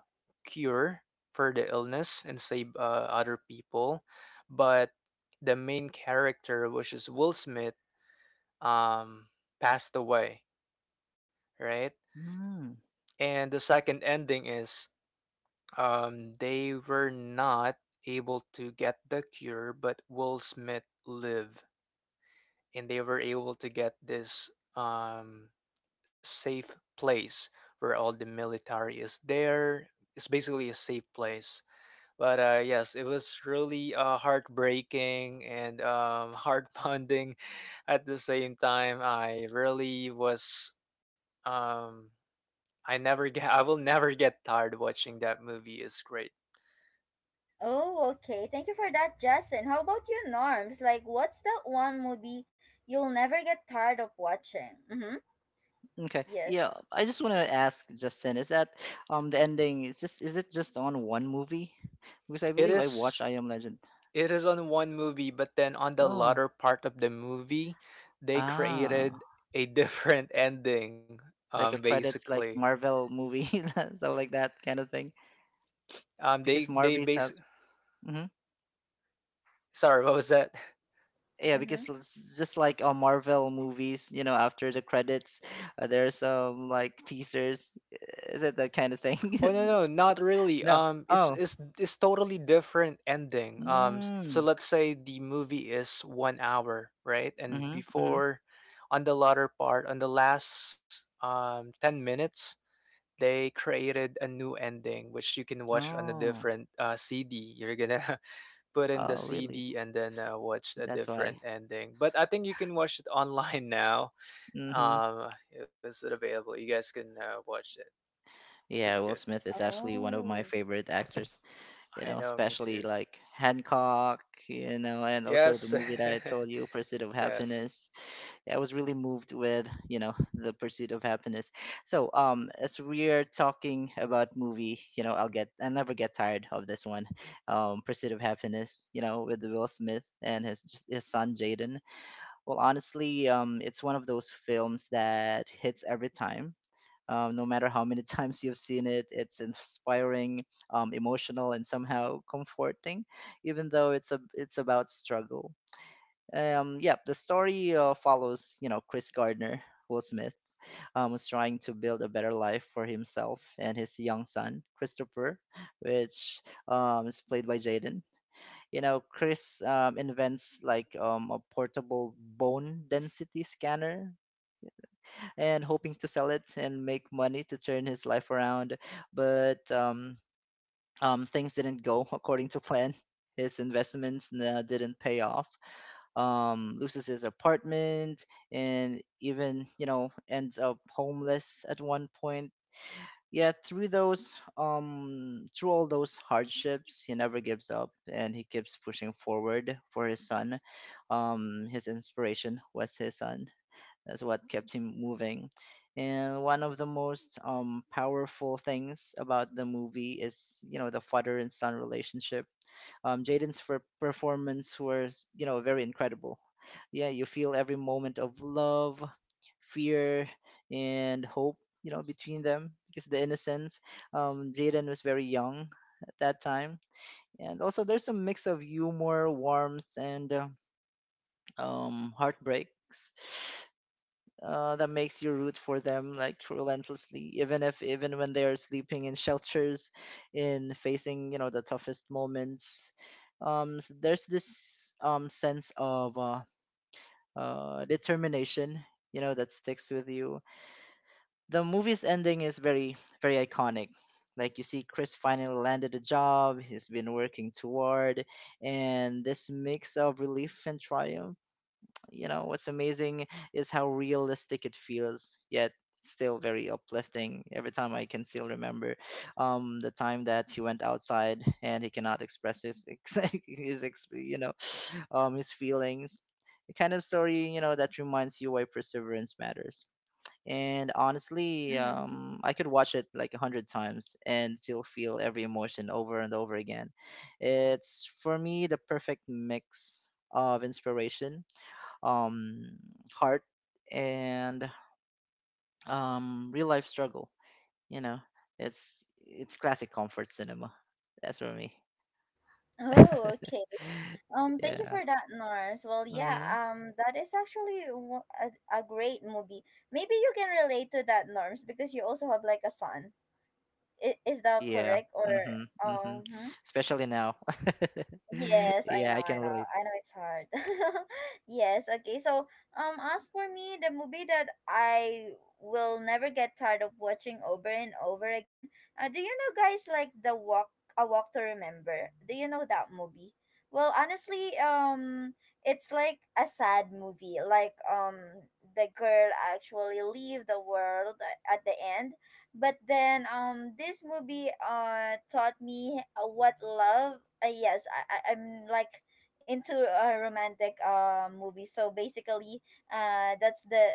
B: cure for the illness and save other people. But the main character, which is Will Smith, um, passed away, right?
C: Hmm.
B: And the second ending is, they were not able to get the cure, but Will Smith lived. And they were able to get this, um, safe place where all the military is there. It's basically a safe place. But yes, it was really heartbreaking and, heart pounding at the same time. I really was. Um, I never get. I will never get tired watching that movie. It's great.
A: Oh, okay. Thank you for that, Justin. How about you, Norms? Like, what's that one movie you'll never get tired of watching? Mm-hmm.
C: Okay. Yeah,
A: Yes.
C: I just want to ask Justin, is that the ending is, just is it just on one movie? Because I
B: It
C: believe I watched
B: is.
C: I Am Legend.
B: It is on one movie, but then on the
C: Oh,
B: latter part of the movie, they
C: ah,
B: created a different ending.
C: like a credits like
B: Basically
C: Marvel movie, stuff like that kind of thing. Because
B: They
C: Marvel's
B: base.
C: has, hmm,
B: Sorry, what was that?
C: yeah, because
A: Mm-hmm.
C: it's just like Marvel movies, you know, after the credits, there's like teasers. Is it that kind of thing?
B: Oh no no, not really.
C: No.
B: It's
C: Oh.
B: it's it's totally different ending. So
C: Mm.
B: let's say the movie is one hour, right? And
C: Mm-hmm. Mm-hmm.
B: before, on the latter part, on the last 10 minutes, they created a new ending which you can watch on a
C: Oh.
B: different CD. You're gonna put in the
C: Oh,
B: CD
C: really?
B: and then watch a
C: That's why.
B: different ending. But I think you can watch it online now.
C: Hmm.
B: It was available, you guys can watch it. This is
C: Yeah,
B: good.
C: Will Smith is actually one of my
A: Oh.
C: favorite actors, you
B: I
C: know,
B: know, me
C: especially
B: too.
C: like Hancock, you know, and also the
B: Yes.
C: movie that I told you, Pursuit of
B: Yes.
C: Happiness. Yeah, I was really moved with, you know, the Pursuit of Happiness. So, as we are talking about movie, you know, I'll never get tired of this one, Pursuit of Happiness, you know, with Will Smith and his son Jaden. Well, honestly, it's one of those films that hits every time. No matter how many times you've seen it, it's inspiring, emotional, and somehow comforting, even though it's about struggle. Yeah, the story follows, you know, Chris Gardner, Will Smith, was trying to build a better life for himself and his young son Christopher, which is played by Jaden. You know, Chris invents like a portable bone density scanner and hoping to sell it and make money to turn his life around. But things didn't go according to plan. His investments didn't pay off. Loses his apartment and even you know ends up homeless at one point. Yet through those through all those hardships, he never gives up and he keeps pushing forward for his son. His inspiration was his son. That's what kept him moving. And one of the most powerful things about the movie is, you know, the father and son relationship. Jaden's performance was, you know, very incredible. Yeah, you feel every moment of love, fear, and hope, you know, between them because the innocence. Jaden was very young at that time, and also there's a mix of humor, warmth, and heartbreaks that makes you root for them like relentlessly, even if even when they are sleeping in shelters, in facing you know the toughest moments. There's this sense of determination, you know, that sticks with you. The movie's ending is very iconic. Like you see, Chris finally landed a job he's been working toward, and this mix of relief and triumph. You know, what's amazing is how realistic it feels, yet still very uplifting. Every time I can still remember the time that he went outside and he cannot express his, ex- his ex- you know, his feelings. The kind of story, you know, that reminds you why perseverance matters. And honestly,
A: Mm-hmm.
C: I could watch it like 100 times and still feel every emotion over and over again. It's for me the perfect mix of inspiration, um, heart, and real life struggle. You know, it's classic comfort cinema. That's for me.
A: Oh, okay. Thank you
C: Yeah.
A: for that, Norms. Well, yeah,
C: Hmm.
A: that is actually a great movie. Maybe you can relate to that, Norms, because you also have like a son. Is that
C: Yeah.
A: correct? Or,
C: Hmm. Hmm.
A: hmm?
C: Especially now.
A: Yes, I
C: Yeah, I
A: know, I
C: can
A: know.
C: relate.
A: I know it's hard. Yes, okay. So, as for me, the movie that I will never get tired of watching over and over again. Do you know guys like the walk A Walk to Remember? Do you know that movie? Well, honestly, it's like a sad movie. Like, the girl actually leave the world at the end, but then this movie taught me what love yes, I I'm like into a romantic movie. So basically that's the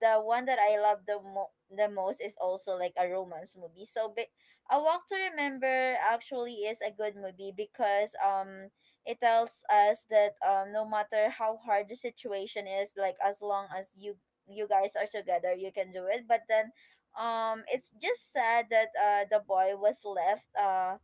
A: the one that I love the mo- the most is also like a romance movie. A Walk to Remember actually is a good movie because it tells us that no matter how hard the situation is, like as long as you guys are together, you can do it. But then it's just sad that the boy was left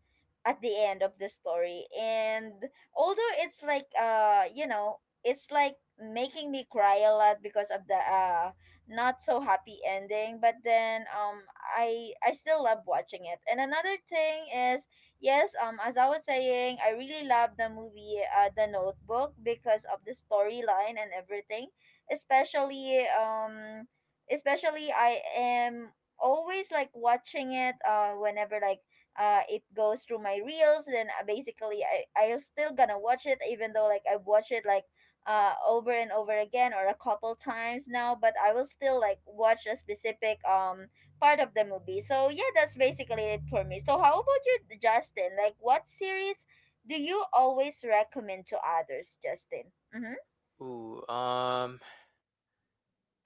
A: at the end of the story, and although it's like it's like making me cry a lot because of the not so happy ending, but then I still love watching it. And another thing is, yes, as I was saying, I really love the movie The Notebook because of the storyline and everything, especially I am always like watching it whenever like it goes through my reels. Then basically I'll still gonna watch it even though like I've watched it like over and over again or a couple times now, but I will still like watch a specific part of the movie. So yeah, that's basically it for me. So how about you, Justin? Like, what series do you always recommend to others, Justin? Mm-hmm.
B: Ooh,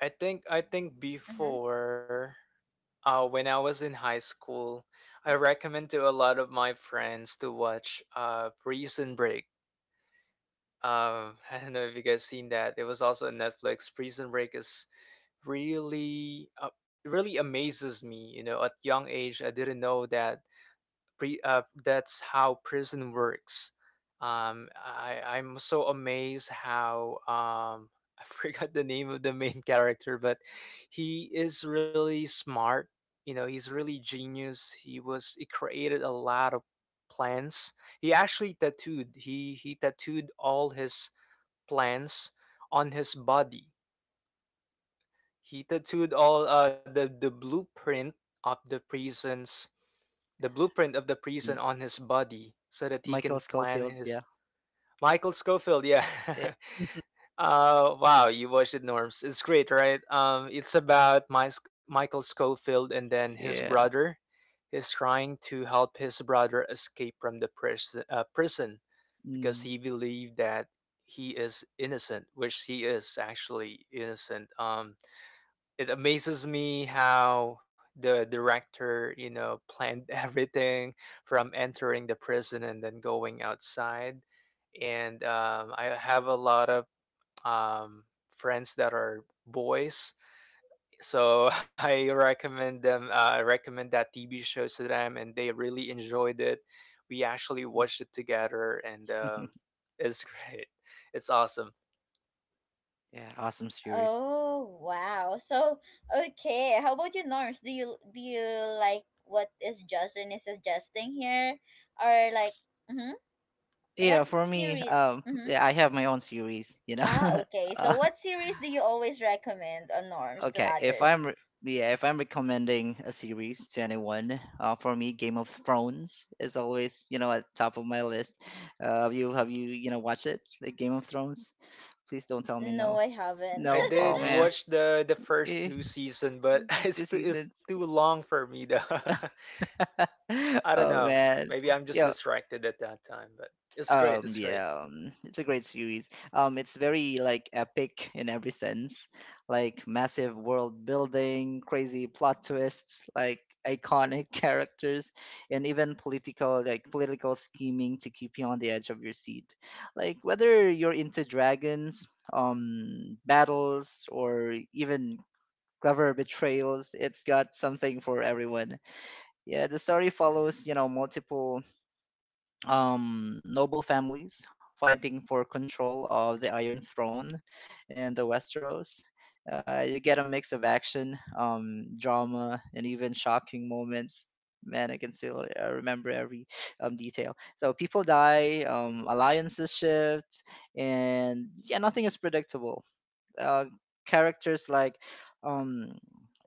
B: I think
A: Mm-hmm.
B: before when I was in high school, I recommend to a lot of my friends to watch Prison Break. Um, I don't know if you guys seen that. It was also on Netflix. Prison Break is really really amazes me, you know. At young age I didn't know that that's how prison works. I'm so amazed how, um, I forgot the name of the main character, but he is really smart. You know, he's really genius. He created a lot of plans. He tattooed all his plans on his body. He tattooed all the blueprint of the prisons, the blueprint of the prison
C: Mm.
B: on his body, so that he
C: Michael
B: can plan
C: Scofield. Yeah.
B: his. Michael Scofield, yeah.
C: Yeah.
B: Wow, you watched it, Norms. It's great, right? It's about Michael Scofield, and then his
C: Yeah.
B: brother is trying to help his brother escape from the prison because
C: Mm.
B: he believed that he is innocent, which he is actually innocent. It amazes me how the director, you know, planned everything from entering the prison and then going outside. And, I have a lot of, um, friends that are boys, so I recommend them. I recommend that TV show to them, and they really enjoyed it. We actually
C: Mhm.
B: watched it together, and, it's great. It's awesome.
C: Yeah, awesome series.
A: Oh, wow. So, okay, how about you, Norms? Do you like what is Justin is suggesting here? Or like, mm-hmm, what
C: Yeah, for me,
A: series? Mm-hmm.
C: yeah, I have my own series, you
A: Ah,
C: know.
A: okay. So, what series do you always recommend on Norms to
C: okay if
A: others?
C: I'm re- yeah if I'm recommending a series to anyone, for me Game of Thrones is always, you know, at top of my list. Have you you know watched it, the Game of Thrones? Please don't tell me
A: No,
C: no.
A: I haven't.
B: I
C: No, oh
B: did
C: man.
B: watch the first
C: Eh,
B: two season, but
C: two
B: it's too it's
C: seasons.
B: too long for me though. I don't
C: Oh
B: know.
C: man.
B: Maybe I'm just
C: Yo.
B: distracted at that time, but it's great. It's great.
C: Yeah, it's a great series. It's very like epic in every sense, like massive world building, crazy plot twists, like iconic characters, and even political scheming to keep you on the edge of your seat. Like whether you're into dragons, battles, or even clever betrayals, it's got something for everyone. Yeah, the story follows, you know, multiple noble families fighting for control of the Iron Throne and the Westeros. You get a mix of action, drama, and even shocking moments. Man, I can still remember every detail. So people die, alliances shift, and yeah, nothing is predictable. uh, Characters like um,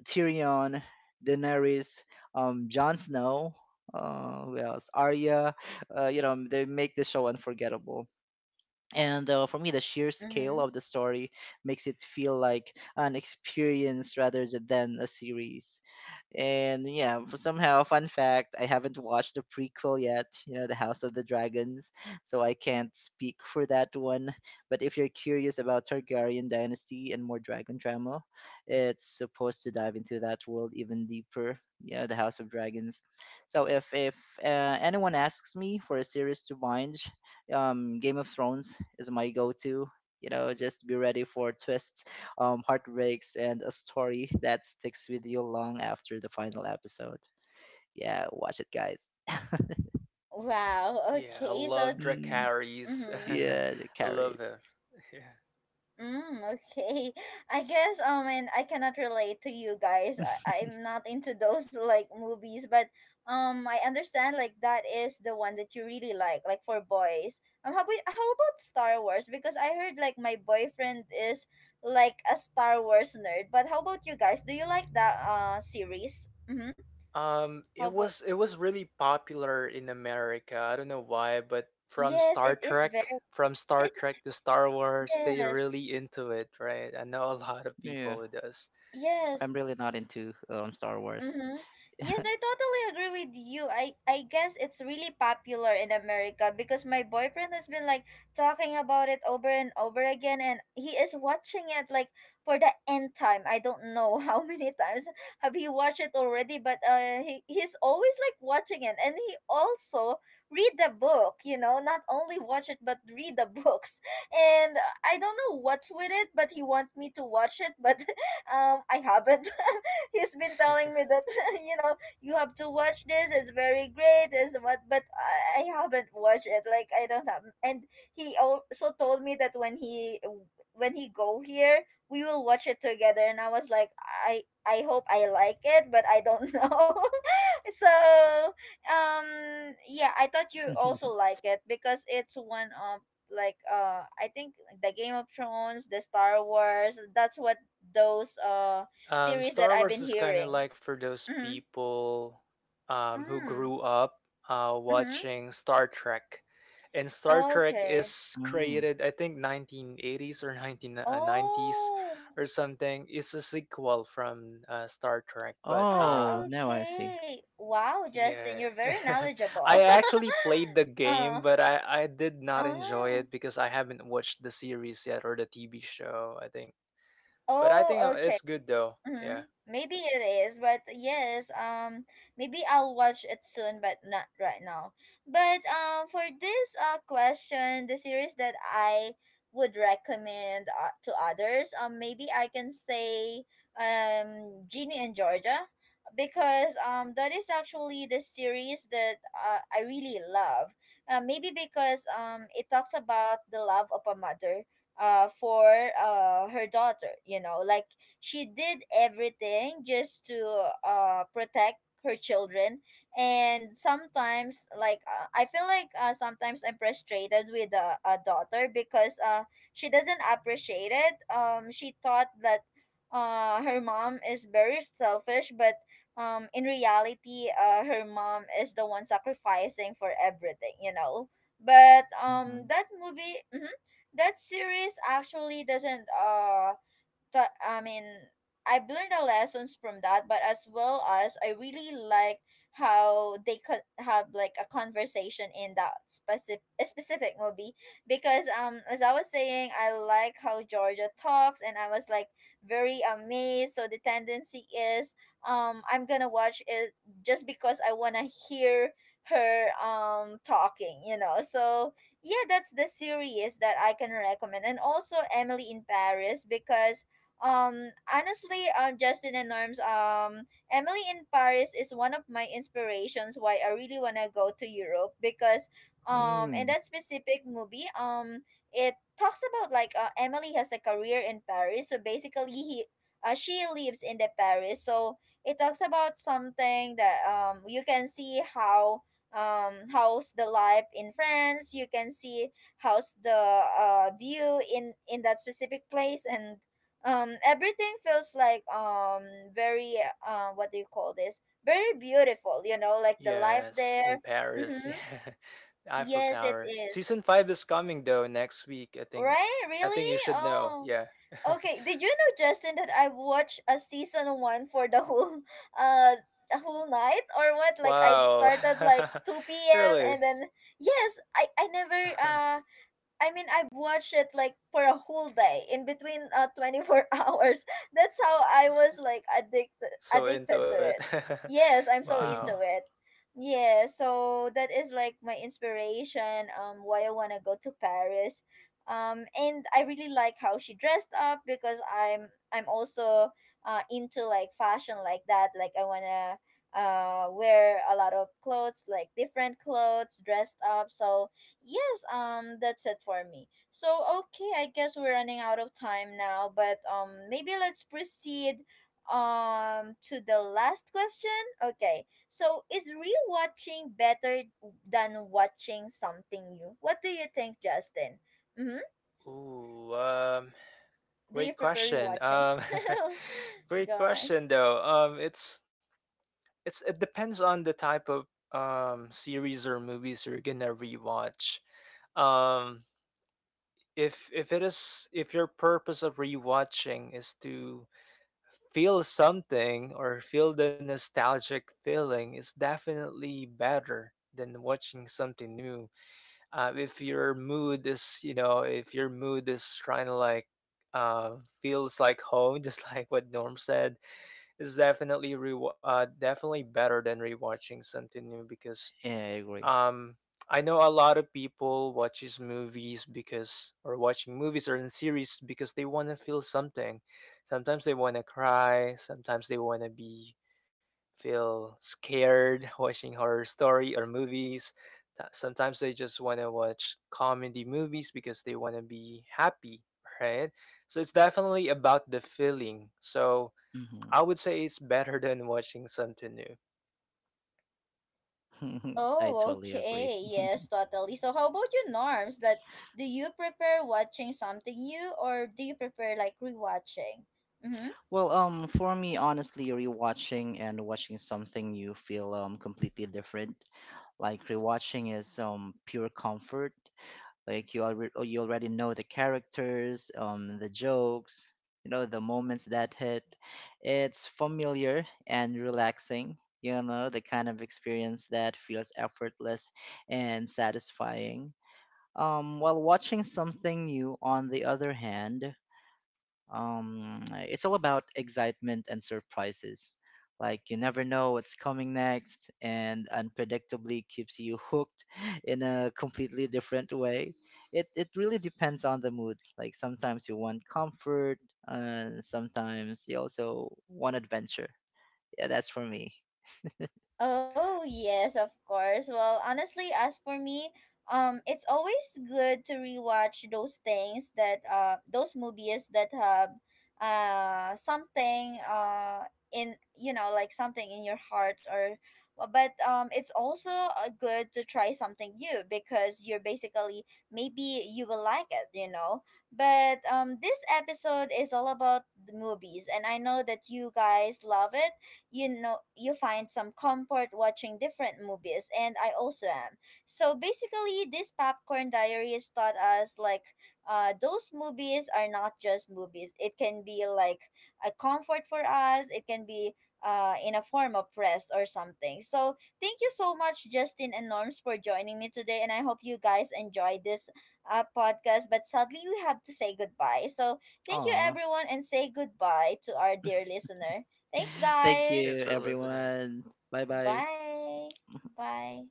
C: Tyrion, Daenerys, Jon Snow, who else? Arya. You know, they make the show unforgettable. And for me, the sheer scale
A: Mm-hmm.
C: of the story makes it feel like an experience rather than a series. And yeah, for somehow, fun fact, I haven't watched the prequel yet, you know, The House of the Dragons, so I can't speak for that one. But if you're curious about Targaryen dynasty and more dragon drama, it's supposed to dive into that world even deeper. Yeah, The House of Dragons. So if anyone asks me for a series to binge, Game of Thrones is my go-to. You know, just be ready for twists, heartbreaks, and a story that sticks with you long after the final episode. Yeah, watch it, guys.
A: Wow.
B: Yeah, I
A: Okay. So,
B: love
C: Mm,
B: Dracarys.
A: mm-hmm.
C: yeah, it
B: I love
C: carries.
B: her. Yeah.
A: Mm, okay. I guess and I cannot relate to you guys. I, I'm not into those like movies, but I understand like that is the one that you really like for boys. How about Star Wars? Because I heard like my boyfriend is like a Star Wars nerd. But how about you guys? Do you like that series? Mm-hmm. How
B: It
A: about
B: was it was really popular in America. I don't know why, but from
A: Yes,
B: Star
A: it is
B: Trek,
A: very.
B: To Star Wars, they
A: Yes.
B: really into it, right? I know a lot of
C: Yeah,
B: people who does.
A: Yes.
C: I'm really not into Star Wars.
A: Mm-hmm. Yes, I totally agree with you. I guess it's really popular in America because my boyfriend has been like talking about it over and over again, and he is watching it like for the end time. I don't know how many times have he watched it already, but he's always like watching it, and he also read the book, you know, not only watch it but read the books. And I don't know what's with it, but he want me to watch it, but I haven't. He's been telling me that you know you have to watch this. It's very great. Is what, but I haven't watched it. Like I don't have. And he also told me that when he go here, we will watch it together. And I was like, I hope I like it, but I don't know. So yeah, I thought you also like it because it's one of like I think the Game of Thrones, the Star Wars, that's what those series that
B: Star
A: I've been
B: Wars is kind of
A: hearing.
B: like for those
A: Mm-hmm.
B: people, who
A: Mm.
B: grew up watching Star Trek. And Star
A: Mm-hmm.
B: Trek
A: Okay.
B: is
C: Hmm.
B: created, I think, 1980s or 1990s
A: Oh.
B: or something. It's a sequel from Star Trek. But
A: Ah,
C: Oh,
B: uh,
C: now I see.
A: okay. Wow, Justin,
B: yeah,
A: you're very knowledgeable.
B: I actually played the
A: uh,
B: game, but I did not enjoy
A: ah.
B: it because I haven't watched the series yet, or the TV show, I think. But I
A: Oh,
B: think
A: okay.
B: it's good though.
A: Mm-hmm.
B: Yeah.
A: Maybe it is, but yes, maybe I'll watch it soon, but not right now. But for this question, the series that I would recommend to others, maybe I can say Genie and Georgia, because that is actually the series that I really love. Maybe because it talks about the love of a mother for her daughter, you know. Like, she did everything just to protect her children. And sometimes like I feel like sometimes I'm frustrated with a daughter because she doesn't appreciate it. She thought that her mom is very selfish, but in reality her mom is the one sacrificing for everything, you know. But
C: Mm-hmm.
A: that movie, mhm, that series actually doesn't that I mean, I've learned the lessons from that, but as well as I really like how they could have like a conversation in that specific movie, because as I was saying, I like how Georgia talks, and I was like very amazed. So the tendency is I'm gonna watch it just because I wanna hear her talking, you know. So yeah, that's the series that I can recommend, and also Emily in Paris, because honestly, Justin and Norms, Emily in Paris is one of my inspirations why I really wanna go to Europe. Because, in
C: Mm.
A: that specific movie, it talks about like Emily has a career in Paris, so basically he. She lives in the Paris, so it talks about something that you can see how how's the life in France. You can see how's the view in that specific place, and everything feels like very what do you call this, very beautiful, you know, like the life
B: Yes, in
A: there.
B: Paris.
A: Mm-hmm.
B: Yeah. Eiffel
A: Yes, it
B: Tower.
A: is.
B: Season 5 is coming though next week, I think.
A: Right.
B: I think
A: Really?
B: you should know.
A: Oh,
B: Yeah.
A: okay. Did you know, Justin, that I watched a season one for the whole uh the whole night or what? Like I
B: Wow.
A: started like 2 p.m.,
B: Really?
A: and then yes, I never uh. I mean, I've watched it like for a whole day, in between 24 hours. That's how I
B: Wow.
A: was like addicted
B: So into
A: addicted to
B: it.
A: it. Yes, I'm so
B: Wow.
A: into it. Yeah, so that is like my inspiration why I want to go to Paris. And I really like how she dressed up, because I'm also into like fashion like that. Like I want to wear a lot of clothes, like different clothes, dressed up. So. Yes, that's it for me. So, okay, I guess we're running out of time now, but maybe let's proceed to the last question. Okay, so is rewatching better than watching something new? What do you think, Justin? Mm-hmm.
B: Ooh,
A: Do you
B: great
A: prefer
B: question.
A: rewatching?
B: Um, great
A: Go on.
B: question though. Um, it's it depends on the type of, um, series or movies you're gonna rewatch. Um, if it is, if your purpose of rewatching is to feel something or feel the nostalgic feeling, it's definitely better than watching something new. If your mood is, you know, if your mood is trying to like, uh, feels like home, just like what Norm said, it's definitely definitely better than rewatching something new because,
C: Yeah, I agree.
B: um, I know a lot of people watches movies because, or watching movies or in series, because they want to feel something. Sometimes they want to cry, sometimes they want to be feel scared watching horror story or movies. Sometimes they just want to watch comedy movies because they want to be happy, right? So it's definitely about the feeling. So
C: Hmm.
B: I would say it's better than watching something new.
C: I
A: Oh,
C: totally agree.
A: okay. Yes, totally. So, how about you, Norms? That do you prefer watching something new, or do you prefer like rewatching? Mm-hmm.
C: Well, for me, honestly, rewatching and watching something you feel completely different. Like rewatching is pure comfort. Like you already know the characters, the jokes, you know, the moments that hit. It's familiar and relaxing. You know, the kind of experience that feels effortless and satisfying. While watching something new, on the other hand. It's all about excitement and surprises. Like you never know what's coming next, and unpredictably keeps you hooked in a completely different way. It really depends on the mood. Like sometimes you want comfort, and sometimes you also want adventure. Yeah, that's for me.
A: Oh, yes, of course. Well, honestly, as for me, it's always good to rewatch those things, that those movies that have something in you know, like something in your heart. Or but it's also good to try something new, because you're basically maybe you will like it, you know. But this episode is all about the movies, and I know that you guys love it. You know, you find some comfort watching different movies, and I also am. So basically this Popcorn Diaries taught us like those movies are not just movies. It can be like a comfort for us. It can be in a form of press or something. So thank you so much, Justin and Norms, for joining me today, and I hope you guys enjoyed this podcast. But sadly we have to say goodbye. So thank you,
C: Aw,
A: everyone, and say goodbye to our dear listener. Thanks,
C: thank
A: guys.
C: you,
B: Thanks for listening.
C: everyone. Bye bye.
A: Bye. Bye.